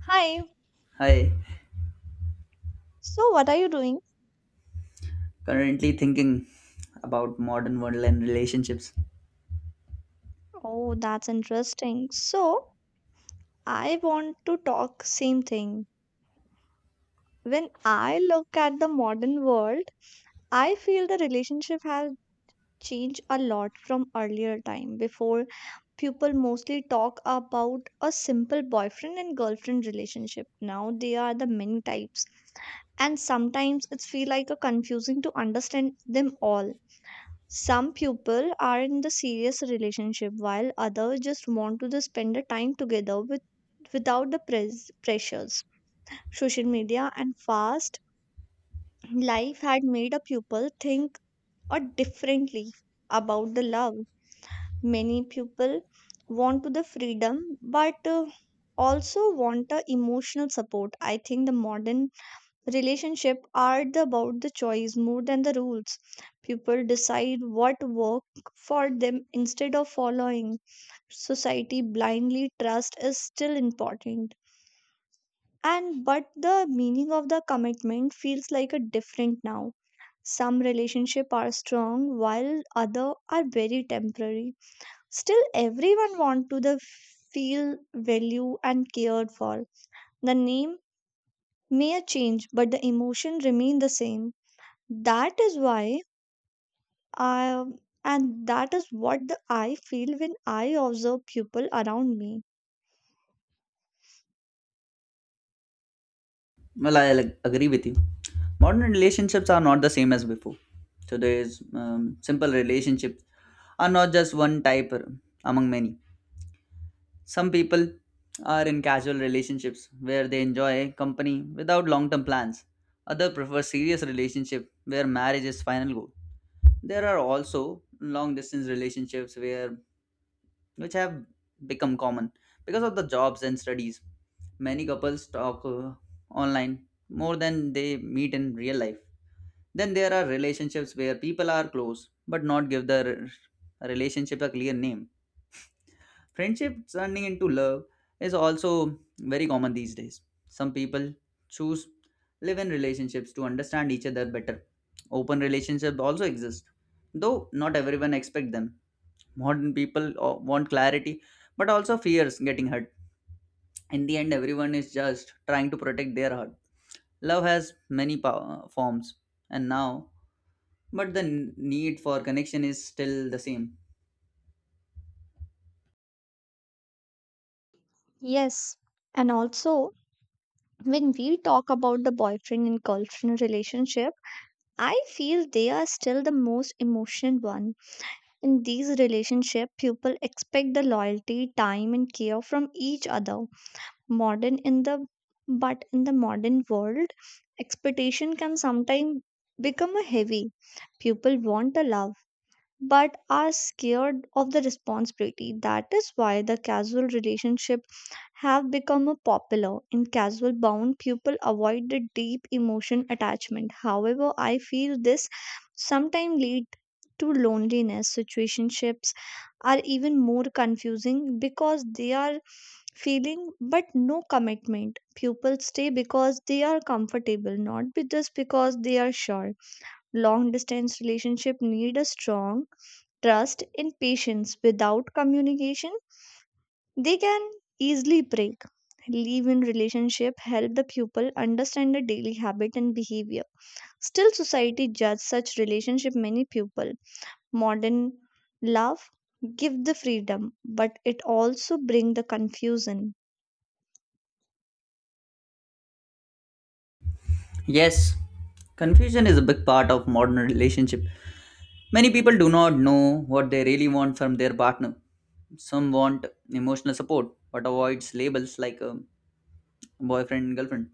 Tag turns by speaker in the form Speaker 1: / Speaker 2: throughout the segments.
Speaker 1: Hi.
Speaker 2: Hi,
Speaker 1: So, what are you doing?
Speaker 2: currently thinking about modern world and relationships.
Speaker 1: Oh, that's interesting. So, I want to talk same thing. When I look at the modern world, I feel the relationship has changed a lot from earlier time before people mostly talk about a simple boyfriend and girlfriend relationship. Now they are the many types and sometimes it's feel like a confusing to understand them all. Some people are in the serious relationship while others just want to the spend the time together with without the pressures. Social media and fast life had made a people think or differently about the love. Many people want to the freedom but also want the emotional support. I think the modern relationship are about the choice more than the rules. People decide what work for them instead of following. Society blindly trust is still important. And but the meaning of the commitment feels like a different now. Some relationship are strong while other are very temporary. Still everyone want to the feel value and cared for. The name may change but the emotion remain the same. That is why I, and that is what I feel when I observe people around me.
Speaker 2: Well, agree with you. Modern relationships are not the same as before. Today's simple relationships are not just one type among many. Some people are in casual relationships where they enjoy company without long term plans. Others prefer serious relationship where marriage is final goal. There are also long distance relationships where which have become common because of the jobs and studies. Many couples talk online more than they meet in real life. Then there are relationships where people are close but not give the relationship a clear name. Friendship turning into love is also very common these days. Some people choose live in relationships to understand each other better. Open relationships also exist, though not everyone expect them. Modern people want clarity but also fears getting hurt. In the end, everyone is just trying to protect their heart. Love has many forms and now, but the need for connection is still the same.
Speaker 1: Yes. And also, when we talk about the boyfriend and girlfriend relationship, I feel they are still the most emotional one. In these relationship, people expect the loyalty, time, and care from each other. Modern in the but in the modern world, expectation can sometimes become a heavy. People want a love but are scared of the responsibility. That is why the casual relationship have become a popular. In casual bound, people avoid the deep emotion attachment. However, I feel this sometimes lead to loneliness. Situationships are even more confusing because they are feeling but no commitment. People stay because they are comfortable, not be- just because they are sure. Long distance relationship need a strong trust, and patience. Without communication, they can easily break. Leave in relationship help the pupil understand the daily habit and behavior. Still, society judge such relationship many pupil. Modern love give the freedom, but it also bring the confusion.
Speaker 2: Yes, confusion is a big part of modern relationship. Many people do not know what they really want from their partner. Some want emotional support but avoids labels like boyfriend and girlfriend.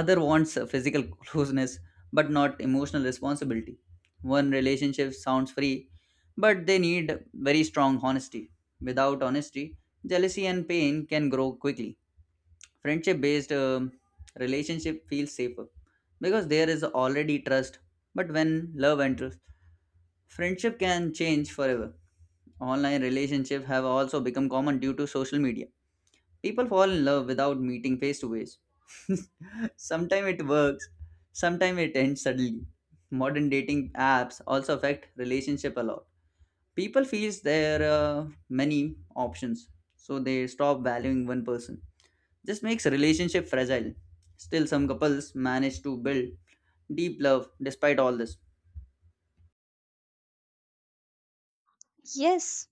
Speaker 2: Other wants physical closeness but not emotional responsibility. One relationship sounds free, but they need very strong honesty. Without honesty, jealousy and pain can grow quickly. Friendship based relationship feels safer because there is already trust. But when love enters, friendship can change forever. Online relationships have also become common due to social media. People fall in love without meeting face to face. Sometimes it works, sometimes it ends suddenly. Modern dating apps also affect relationship a lot. People feels there are many options, so they stop valuing one person. This makes relationship fragile. Still, some couples manage to build deep love despite all this.
Speaker 1: Yes,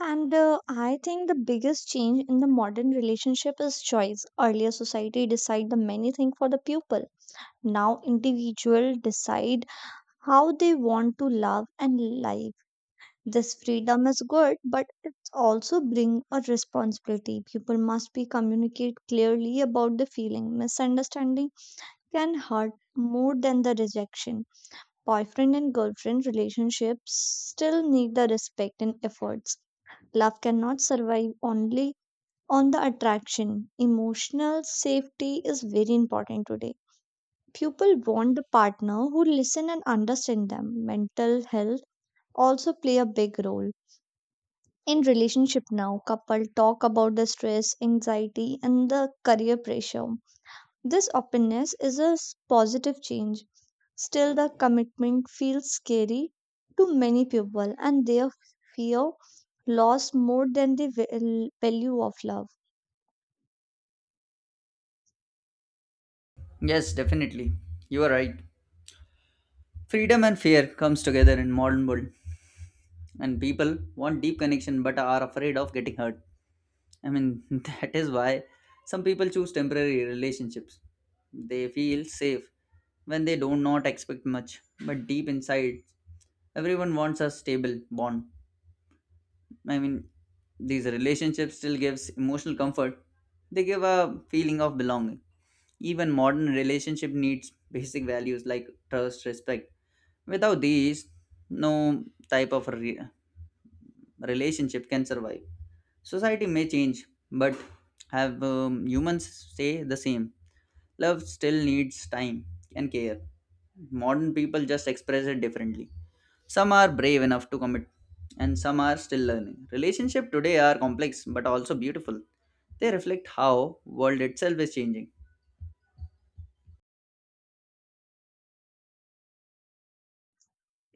Speaker 1: and I think the biggest change in the modern relationship is choice. Earlier, society decide the many thing for the pupil. Now, individual decide how they want to love and live. This freedom is good, but it also brings a responsibility. People must be communicate clearly about the feeling. Misunderstanding can hurt more than the rejection. Boyfriend and girlfriend relationships still need the respect and efforts. Love cannot survive only on the attraction. Emotional safety is very important today. People want the partner who listen and understand them. Mental health also play a big role. In relationship now, couple talk about the stress, anxiety, and the career pressure. This openness is a positive change. Still, the commitment feels scary to many people, and they fear loss more than the value of love.
Speaker 2: Yes, definitely, you are right. Freedom and fear comes together in modern world, and people want deep connection but are afraid of getting hurt. I mean, that is why some people choose temporary relationships. They feel safe when they do not expect much, but deep inside, everyone wants a stable bond. I mean, these relationships still gives emotional comfort. They give a feeling of belonging. Even modern relationship needs basic values like trust, respect. Without these, no type of relationship can survive. Society may change, but have humans stay the same. Love still needs time and care. Modern people just express it differently. Some are brave enough to commit, and some are still learning. Relationship today are complex but also beautiful. They reflect how world itself is changing.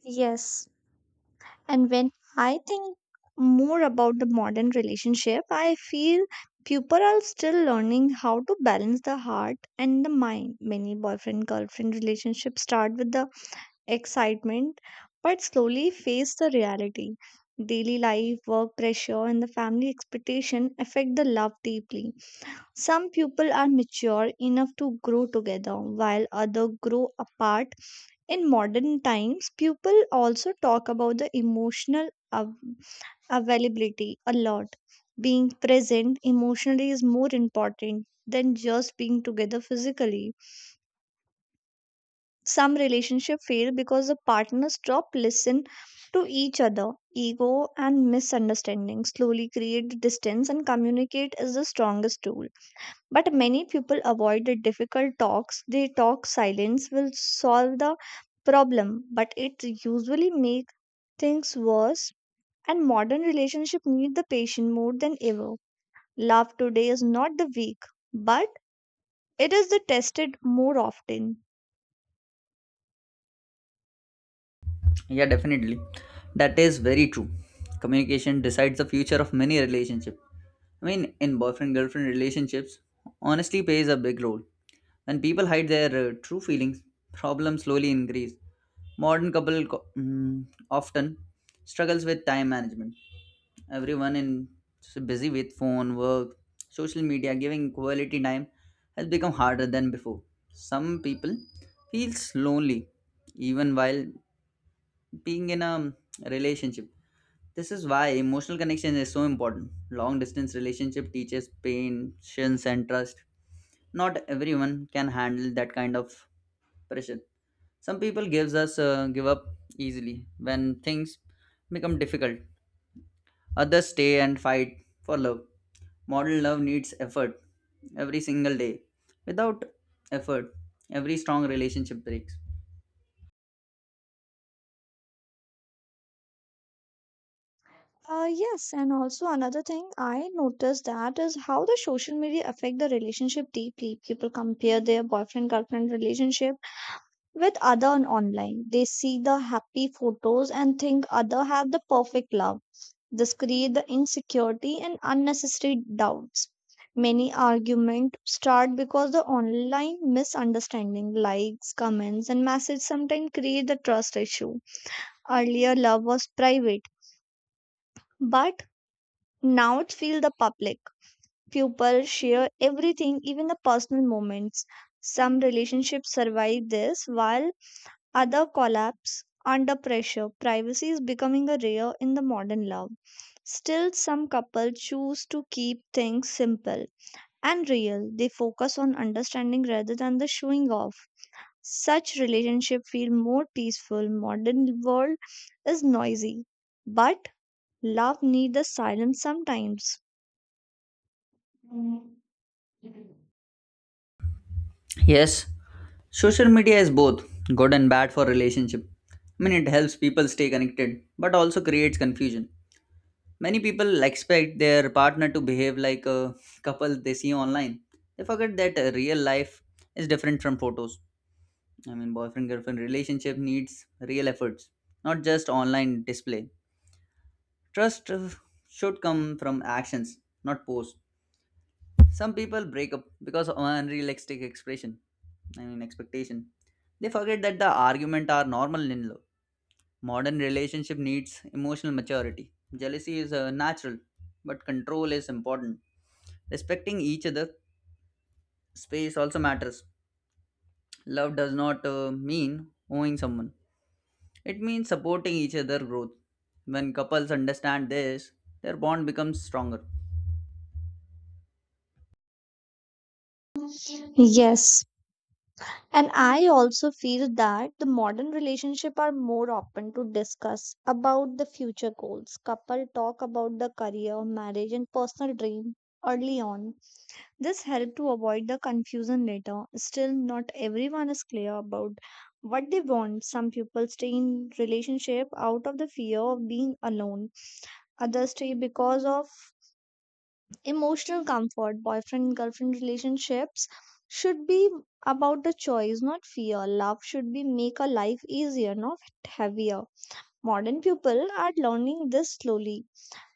Speaker 1: Yes, and when I think more about the modern relationship, I feel people are still learning how to balance the heart and the mind. Many boyfriend girlfriend relationships start with the excitement but slowly face the reality. Daily life, work pressure, and the family expectation affect the love deeply. Some people are mature enough to grow together while others grow apart in modern times, people also talk about the emotional availability a lot. Being present emotionally is more important than just being together physically. Some relationships fail because the partners stop listen to each other. Ego and misunderstanding slowly create the distance and communicate is the strongest tool. But many people avoid the difficult talks. They talk silence will solve the problem, but it usually makes things worse, and modern relationship need the patient more than ever. Love today is not the weak, but it is the tested more often.
Speaker 2: Yeah, definitely. That is very true. Communication decides the future of many relationships. I mean, in boyfriend girlfriend relationships, honesty plays a big role. When people hide their true feelings, problems slowly increase. Modern couple often struggles with time management. Everyone in is busy with phone, work, social media. Giving quality time has become harder than before. Some people feels lonely even while being in a relationship. This is why emotional connection is so important. Long distance relationship teaches patience and trust. Not everyone can handle that kind of pressure. Some people give up easily when things become difficult. Others stay and fight for love. Modern love needs effort every single day. Without effort, every strong relationship breaks.
Speaker 1: Yes, and also another thing I noticed that is how the social media affect the relationship deeply. People compare their boyfriend girlfriend relationship with other on online. They see the happy photos and think other have the perfect love. This creates the insecurity and unnecessary doubts. Many arguments start because the online misunderstanding, likes, comments, and messages sometimes create the trust issue. Earlier, love was private, but now it feels the public. People share everything, even the personal moments. Some relationships survive this, while other collapse under pressure. Privacy is becoming a rare in the modern love. Still, some couples choose to keep things simple and real. They focus on understanding rather than the showing off. Such relationships feel more peaceful. Modern world is noisy, but love needs the silence sometimes.
Speaker 2: Yes, social media is both good and bad for relationship. I mean, it helps people stay connected, but also creates confusion. Many people expect their partner to behave like a couple they see online. They forget that real life is different from photos. I mean, boyfriend girlfriend relationship needs real efforts, not just online display. Trust should come from actions, not posts. Some people break up because of unrealistic expectation. They forget that the argument are normal in love. Modern relationship needs emotional maturity. Jealousy is natural, but control is important. Respecting each other, space also matters. Love does not mean owing someone. It means supporting each other growth. When couples understand this, their bond becomes stronger.
Speaker 1: Yes, and I also feel that the modern relationship are more open to discuss about the future goals. Couple talk about the career, marriage and personal dream early on. This help to avoid the confusion later. Still not everyone is clear about what they want. Some people stay in relationship out of the fear of being alone. Others stay because of emotional comfort, boyfriend girlfriend relationships should be about the choice, not fear. Love should be make a life easier, not heavier. Modern people are learning this slowly,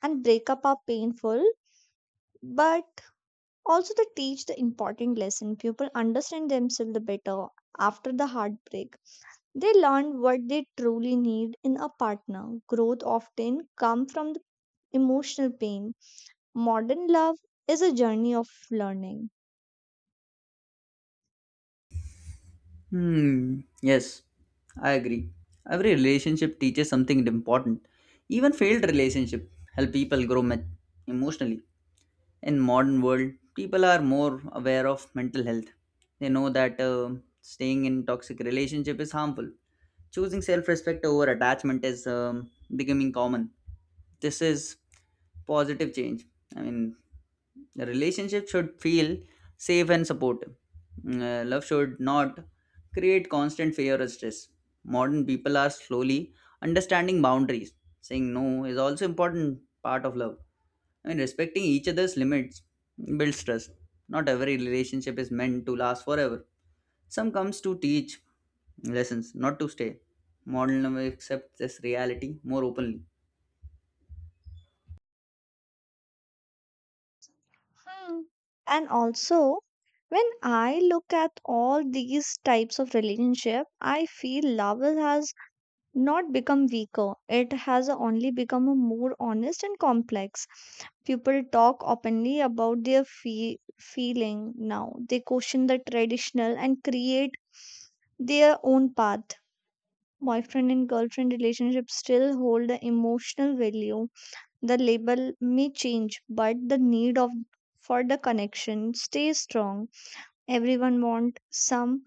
Speaker 1: and breakup are painful, but also they teach the important lesson. People understand themselves better after the heartbreak. They learn what they truly need in a partner. Growth often comes from the emotional pain. Modern love is a journey of learning.
Speaker 2: Hmm, yes, I agree. Every relationship teaches something important. Even failed relationship help people emotionally. In modern world, people are more aware of mental health. They know that staying in toxic relationship is harmful. Choosing self-respect over attachment is becoming common. This is positive change. I mean, the relationship should feel safe and supportive. Love should not create constant fear or stress. Modern people are slowly understanding boundaries. Saying no is also important part of love. I mean, respecting each other's limits builds trust. Not every relationship is meant to last forever. Some comes to teach lessons, not to stay. Modern love accepts this reality more openly.
Speaker 1: Mm. And also, when I look at all these types of relationship, I feel love has not become weaker. It has only become a more honest and complex. People talk openly about their feeling now. They question the traditional and create their own path. Boyfriend and girlfriend relationships still hold the emotional value the label may change, but the need of for the connection stays strong. Everyone wants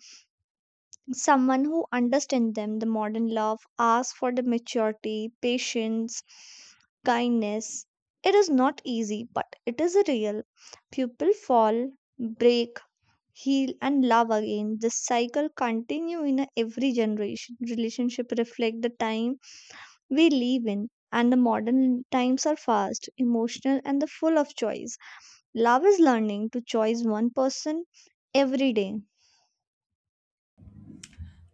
Speaker 1: someone who understands them. The modern love asks for the maturity, patience, kindness. It is not easy, but it is real. People fall, break, heal, and love again. This cycle continue in every generation. Relationship reflect the time we live in, and the modern times are fast, emotional, and the full of choice. Love is learning to choose one person every day.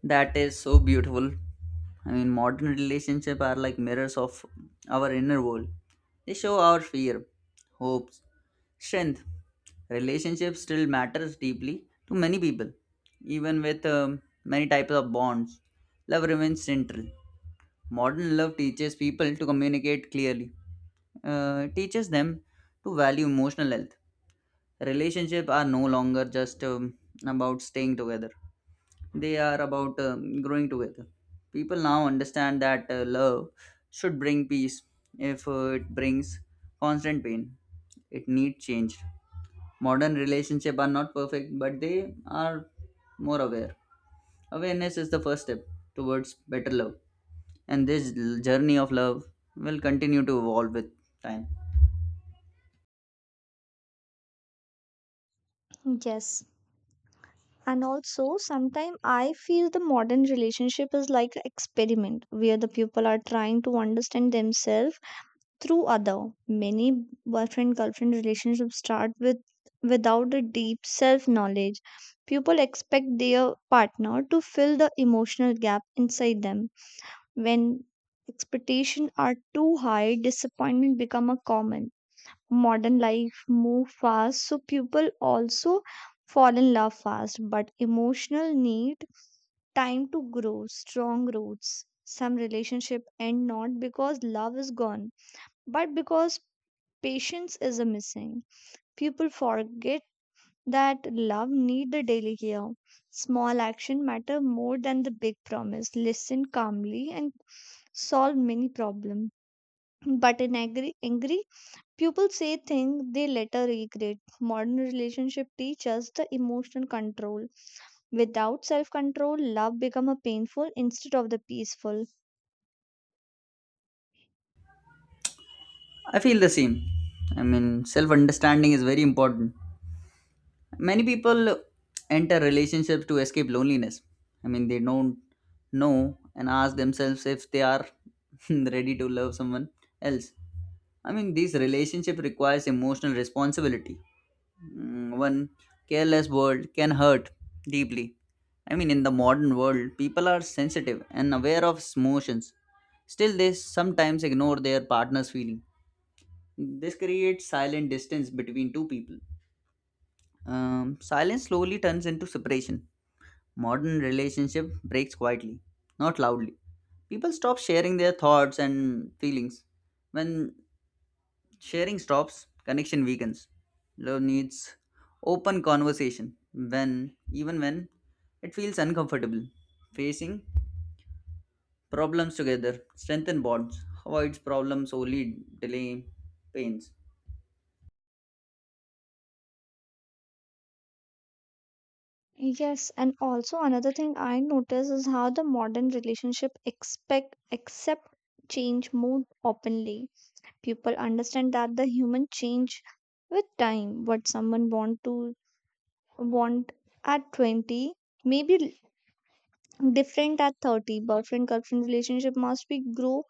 Speaker 2: That is so beautiful. I mean, modern relationships are like mirrors of our inner world. They show our fear, hopes, strength. Relationships still matters deeply to many people, even with many types of bonds. Love remains central. Modern love teaches people to communicate clearly, teaches them to value emotional health. Relationships are no longer just about staying together, they are about growing together. People now understand that love should bring peace if it brings constant pain. It needs change. Modern relationships are not perfect, but they are more aware. Awareness is the first step towards better love, and this journey of love will continue to evolve with time.
Speaker 1: Yes. And also, sometimes I feel the modern relationship is like an experiment where the people are trying to understand themselves through other. Many boyfriend girlfriend relationships start with without a deep self knowledge. People expect their partner to fill the emotional gap inside them when expectations are too high, disappointment become a common. Modern life move fast, so people also fall in love fast, but emotional need time to grow strong roots. Some relationship end not because love is gone, but because patience is a missing. People forget that love need the daily care. Small action matter more than the big promise. Listen calmly and solve many problems but in angry, people say things they later regret. Modern relationship teach us the emotional control. Without self-control, love become a painful instead of the peaceful.
Speaker 2: I feel the same. I mean, self understanding is very important. Many people enter relationships to escape loneliness. I mean, they don't know and ask themselves if they are ready to love someone else. I mean, these relationship requires emotional responsibility. One careless word can hurt deeply. I mean, in the modern world, people are sensitive and aware of emotions. Still, they sometimes ignore their partner's feeling. This creates silent distance between two people. Silence slowly turns into separation. Modern relationship breaks quietly, not loudly. People stop sharing their thoughts and feelings. When sharing stops, connection weakens. Love needs open conversation when even when it feels uncomfortable. Facing problems together strengthen bonds, avoids problems only delay pains.
Speaker 1: Yes, and also another thing I notice is how the modern relationship expect accept change more openly. People understand that the human change with time. What someone want to want at 20 maybe different at 30 boyfriend girlfriend relationship must be grow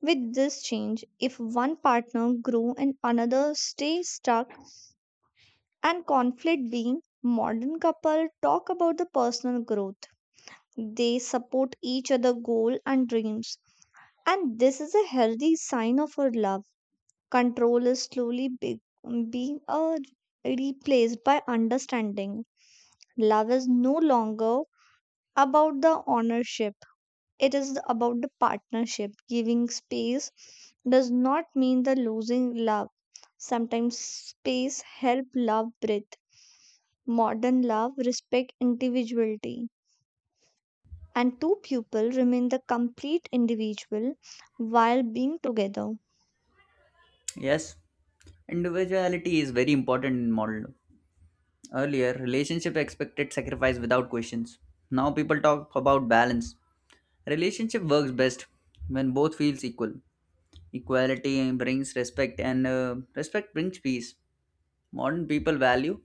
Speaker 1: with this change if one partner grow and another stay stuck and conflict being modern couple talk about the personal growth they support each other goal and dreams and this is a healthy sign of our love control is slowly be- being replaced by understanding love is no longer about the ownership. It is about the partnership. Giving space does not mean the losing love. Sometimes space help love breathe. Modern love respect individuality and two people remain the complete individual while being together.
Speaker 2: Yes, individuality is very important in modern love. Earlier, relationship expected sacrifice without questions. Now people talk about balance. Relationship works best when both feels equal. Equality brings respect, and respect brings peace. Modern people value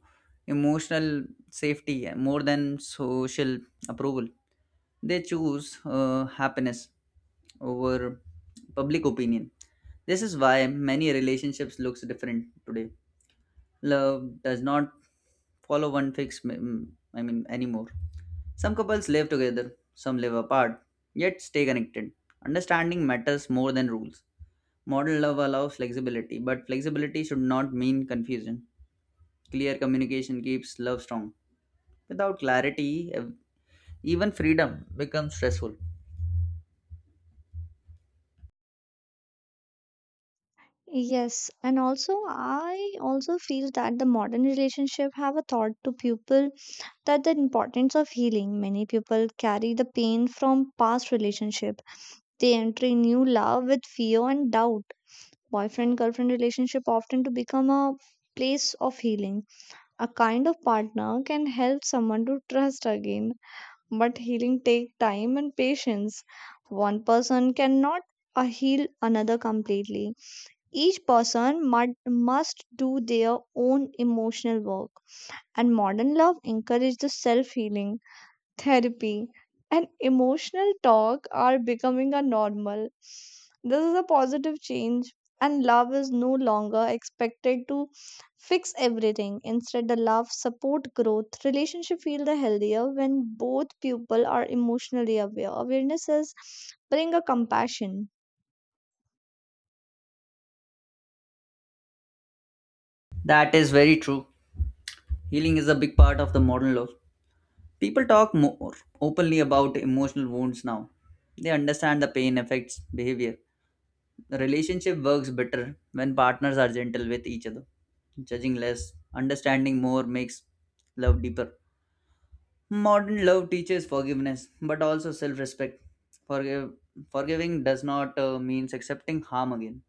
Speaker 2: emotional safety more than social approval. They choose happiness over public opinion. This is why many relationships looks different today. Love does not follow one fixed, me- mm, I mean, anymore. Some couples live together, some live apart, yet stay connected. Understanding matters more than rules. Modern love allows flexibility, but flexibility should not mean confusion. Clear communication keeps love strong. Without clarity, even freedom becomes stressful.
Speaker 1: Yes, and also I also feel that the modern relationship have a thought to people that the importance of healing. Many people carry the pain from past relationship they enter a new love with fear and doubt. Boyfriend girlfriend relationship often to become a place of healing. A kind of partner can help someone to trust again, but healing take time and patience. One person cannot heal another completely. Each person must do their own emotional work. And modern love encourages the self healing therapy, and emotional talk are becoming a normal. This is a positive change, and love is no longer expected to fix everything. Instead, the love support growth. Relationship feel the healthier when both people are emotionally aware. Awareness is bring a compassion.
Speaker 2: That is very true. Healing is a big part of the modern love. People talk more openly about emotional wounds now. They understand the pain affects behavior. The relationship works better when partners are gentle with each other. Judging less, understanding more makes love deeper. Modern love teaches forgiveness, but also self respect. Forgive, Forgiving does not mean accepting harm again.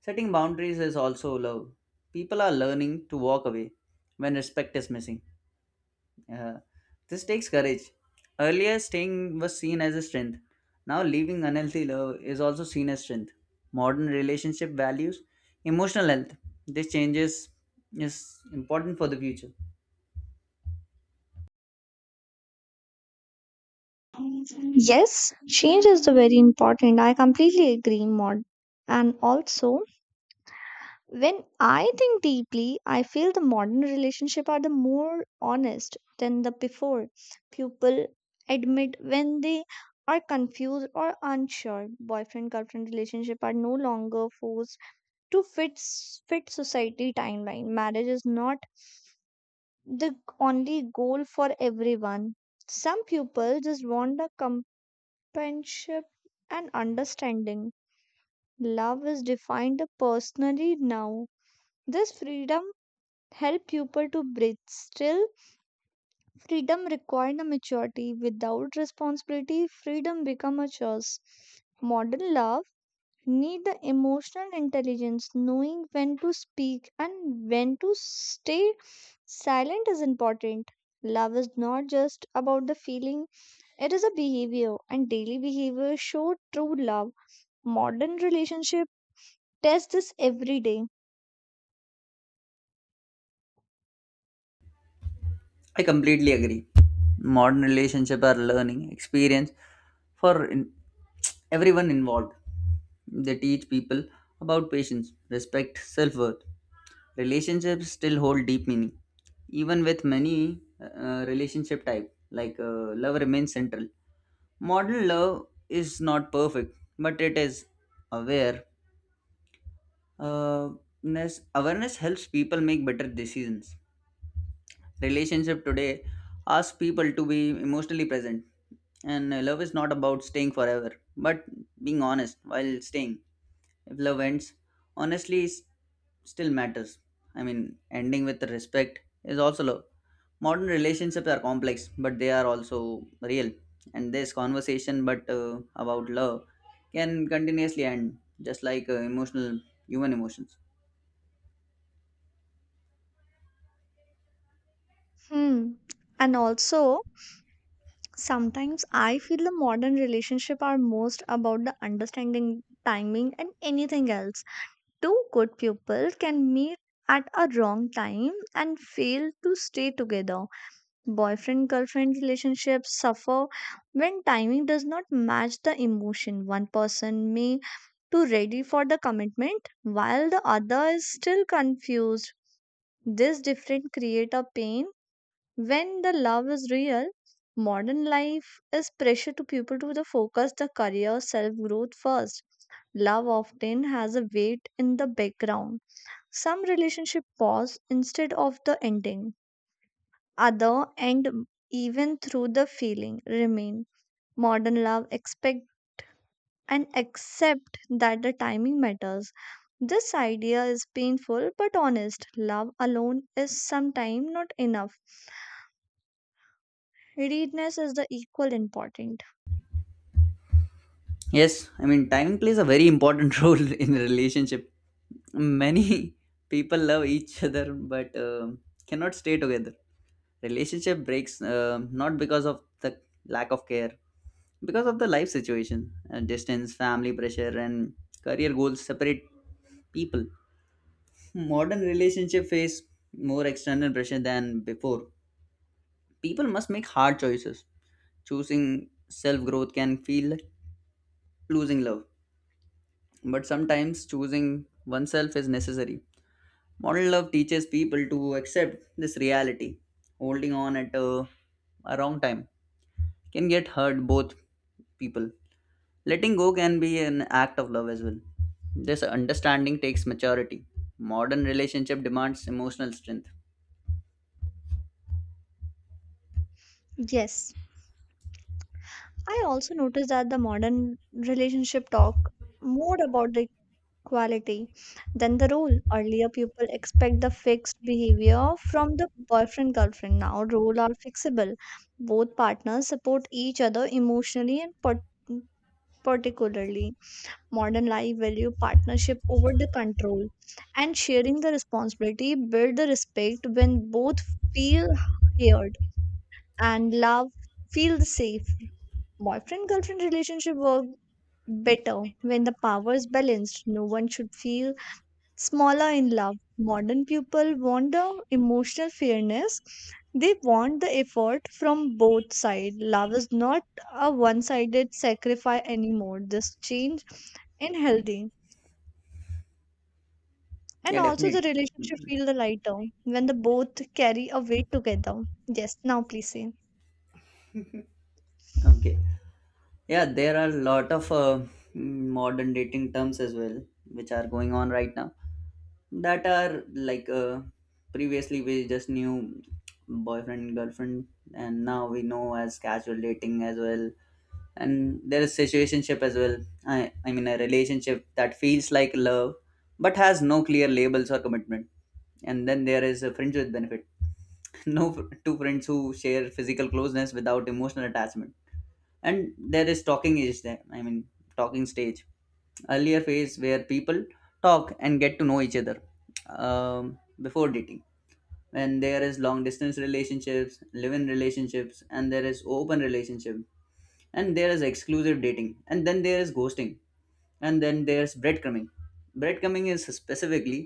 Speaker 2: Setting boundaries is also love. People are learning to walk away when respect is missing. Uh, this takes courage. Earlier, staying was seen as a strength. Now, leaving unhealthy love is also seen as strength. Modern relationship values emotional health. This changes is important for the future.
Speaker 1: Yes, change is the very important. I completely agree, Maud. And also, when I think deeply, I feel the modern relationship are the more honest than the before. People admit when they are confused or unsure. Boyfriend girlfriend relationship are no longer forced to fit society timeline. Marriage is not the only goal for everyone. Some people just want a companionship and understanding. Love is defined personally now. This freedom help people to breathe. Still, freedom required a maturity. Without responsibility, freedom become a choice. Modern love need the emotional intelligence. Knowing when to speak and when to stay silent is important. Love is not just about the feeling, it is a behavior, and daily behavior show true love. Modern relationship test this every day.
Speaker 2: I completely agree. Modern relationship are learning experience for everyone involved. They teach people about patience, respect, self-worth. Relationships still hold deep meaning, even with many relationship type like love remains central. Modern love is not perfect, but it is aware. Uh, Awareness helps people make better decisions. Relationship today asks people to be emotionally present, and love is not about staying forever, but being honest while staying. If love ends, honestly s- still matters. I mean, ending with respect is also love. Modern relationships are complex, but they are also real. And this conversation, but about love, can continuously end, just like emotional human emotions.
Speaker 1: Hmm. And also, sometimes I feel the modern relationship are most about the understanding timing and anything else. Two good people can meet at a wrong time and fail to stay together. Boyfriend girlfriend relationships suffer when timing does not match the emotion. One person may to ready for the commitment while the other is still confused. This difference create a pain when the love is real, modern life is pressure to people to the focus the career self growth first. Love often has a weight in the background. Some relationship pause instead of the ending. Other end even through the feeling remain. Modern love expect and accept that the timing matters. This idea is painful but honest. Love alone is sometimes not enough. Readiness is the equal important.
Speaker 2: Yes, I mean, timing plays a very important role in a relationship. Many people love each other but cannot stay together. Relationship breaks not because of the lack of care, because of the life situation. Distance, family pressure, and career goals separate people. Modern relationship face more external pressure than before. People must make hard choices. Choosing self growth can feel like losing love, but sometimes choosing oneself is necessary. Modern love teaches people to accept this reality. Holding on at a wrong time can get hurt both people. Letting go can be an act of love as well. This understanding takes maturity. Modern relationship demands emotional strength.
Speaker 1: Yes, I also noticed that the modern relationship talk more about the quality than the role. Earlier, people expect the fixed behavior from the boyfriend girlfriend. Now, roles are fixable. Both partners support each other emotionally and particularly. Modern life value partnership over the control and sharing the responsibility, build the respect when both feel heard and love feel safe boyfriend girlfriend relationship work better when the power is balanced. No one should feel smaller in love. Modern people want the emotional fairness, they want the effort from both sides. Love is not a one sided sacrifice anymore. This change in healthy.
Speaker 2: Yeah,
Speaker 1: And also the
Speaker 2: definitely.
Speaker 1: relationship feel the lighter when the both carry a weight together. Yes, now please say.
Speaker 2: Okay. Yeah, there are a lot of modern dating terms as well, which are going on right now. That are like previously we just knew boyfriend, girlfriend, and now we know as casual dating as well. And there is situationship as well. I mean, a relationship that feels like love but has no clear labels or commitment. And then there is a friends with benefit. No, two friends who share physical closeness without emotional attachment. And there is talking is there I mean talking stage, earlier phase where people talk and get to know each other um, before dating. When There is long distance relationships, live-in relationships, and there is open relationship, and there is exclusive dating, and then there is ghosting, and then there's breadcrumbing. Breadcrumbing is specifically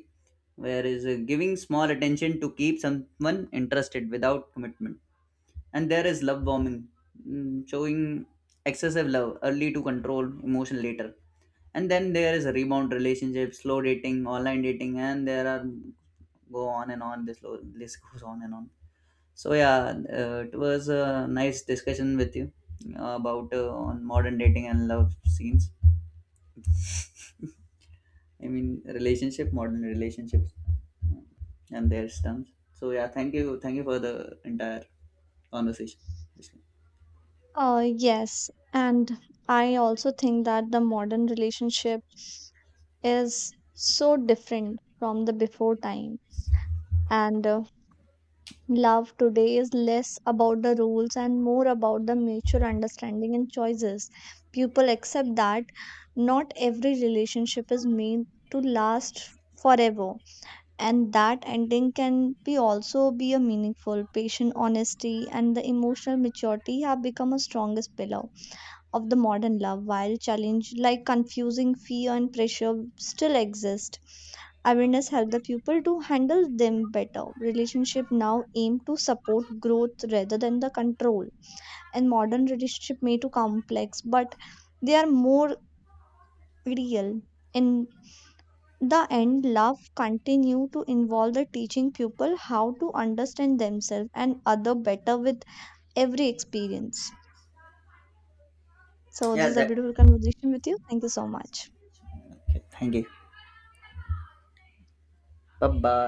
Speaker 2: where is giving small attention to keep someone interested without commitment. And there is love bombing, showing excessive love early to control emotion later. And then there is a rebound relationship, slow dating, online dating, and there are go on and on. This list goes on and on. So yeah, it was a nice discussion with you about on modern dating and love scenes I mean relationship modern relationships uh, and their terms. So yeah, thank you, thank you for the entire conversation.
Speaker 1: Yes, and I also think that the modern relationship is so different from the before time. And love today is less about the rules and more about the mutual understanding and choices. People accept that not every relationship is made to last forever and that ending can be also be a meaningful patient honesty and the emotional maturity have become a strongest pillar of the modern love while challenge like confusing fear and pressure still exist awareness helps the pupil to handle them better relationship now aim to support growth rather than the control and modern relationship may too complex but they are more real in the end love continue to involve the teaching pupil how to understand themselves and other better with every experience so this
Speaker 2: Yeah
Speaker 1: is a
Speaker 2: that
Speaker 1: beautiful conversation with you thank you so much.
Speaker 2: Okay, thank you. Bye bye.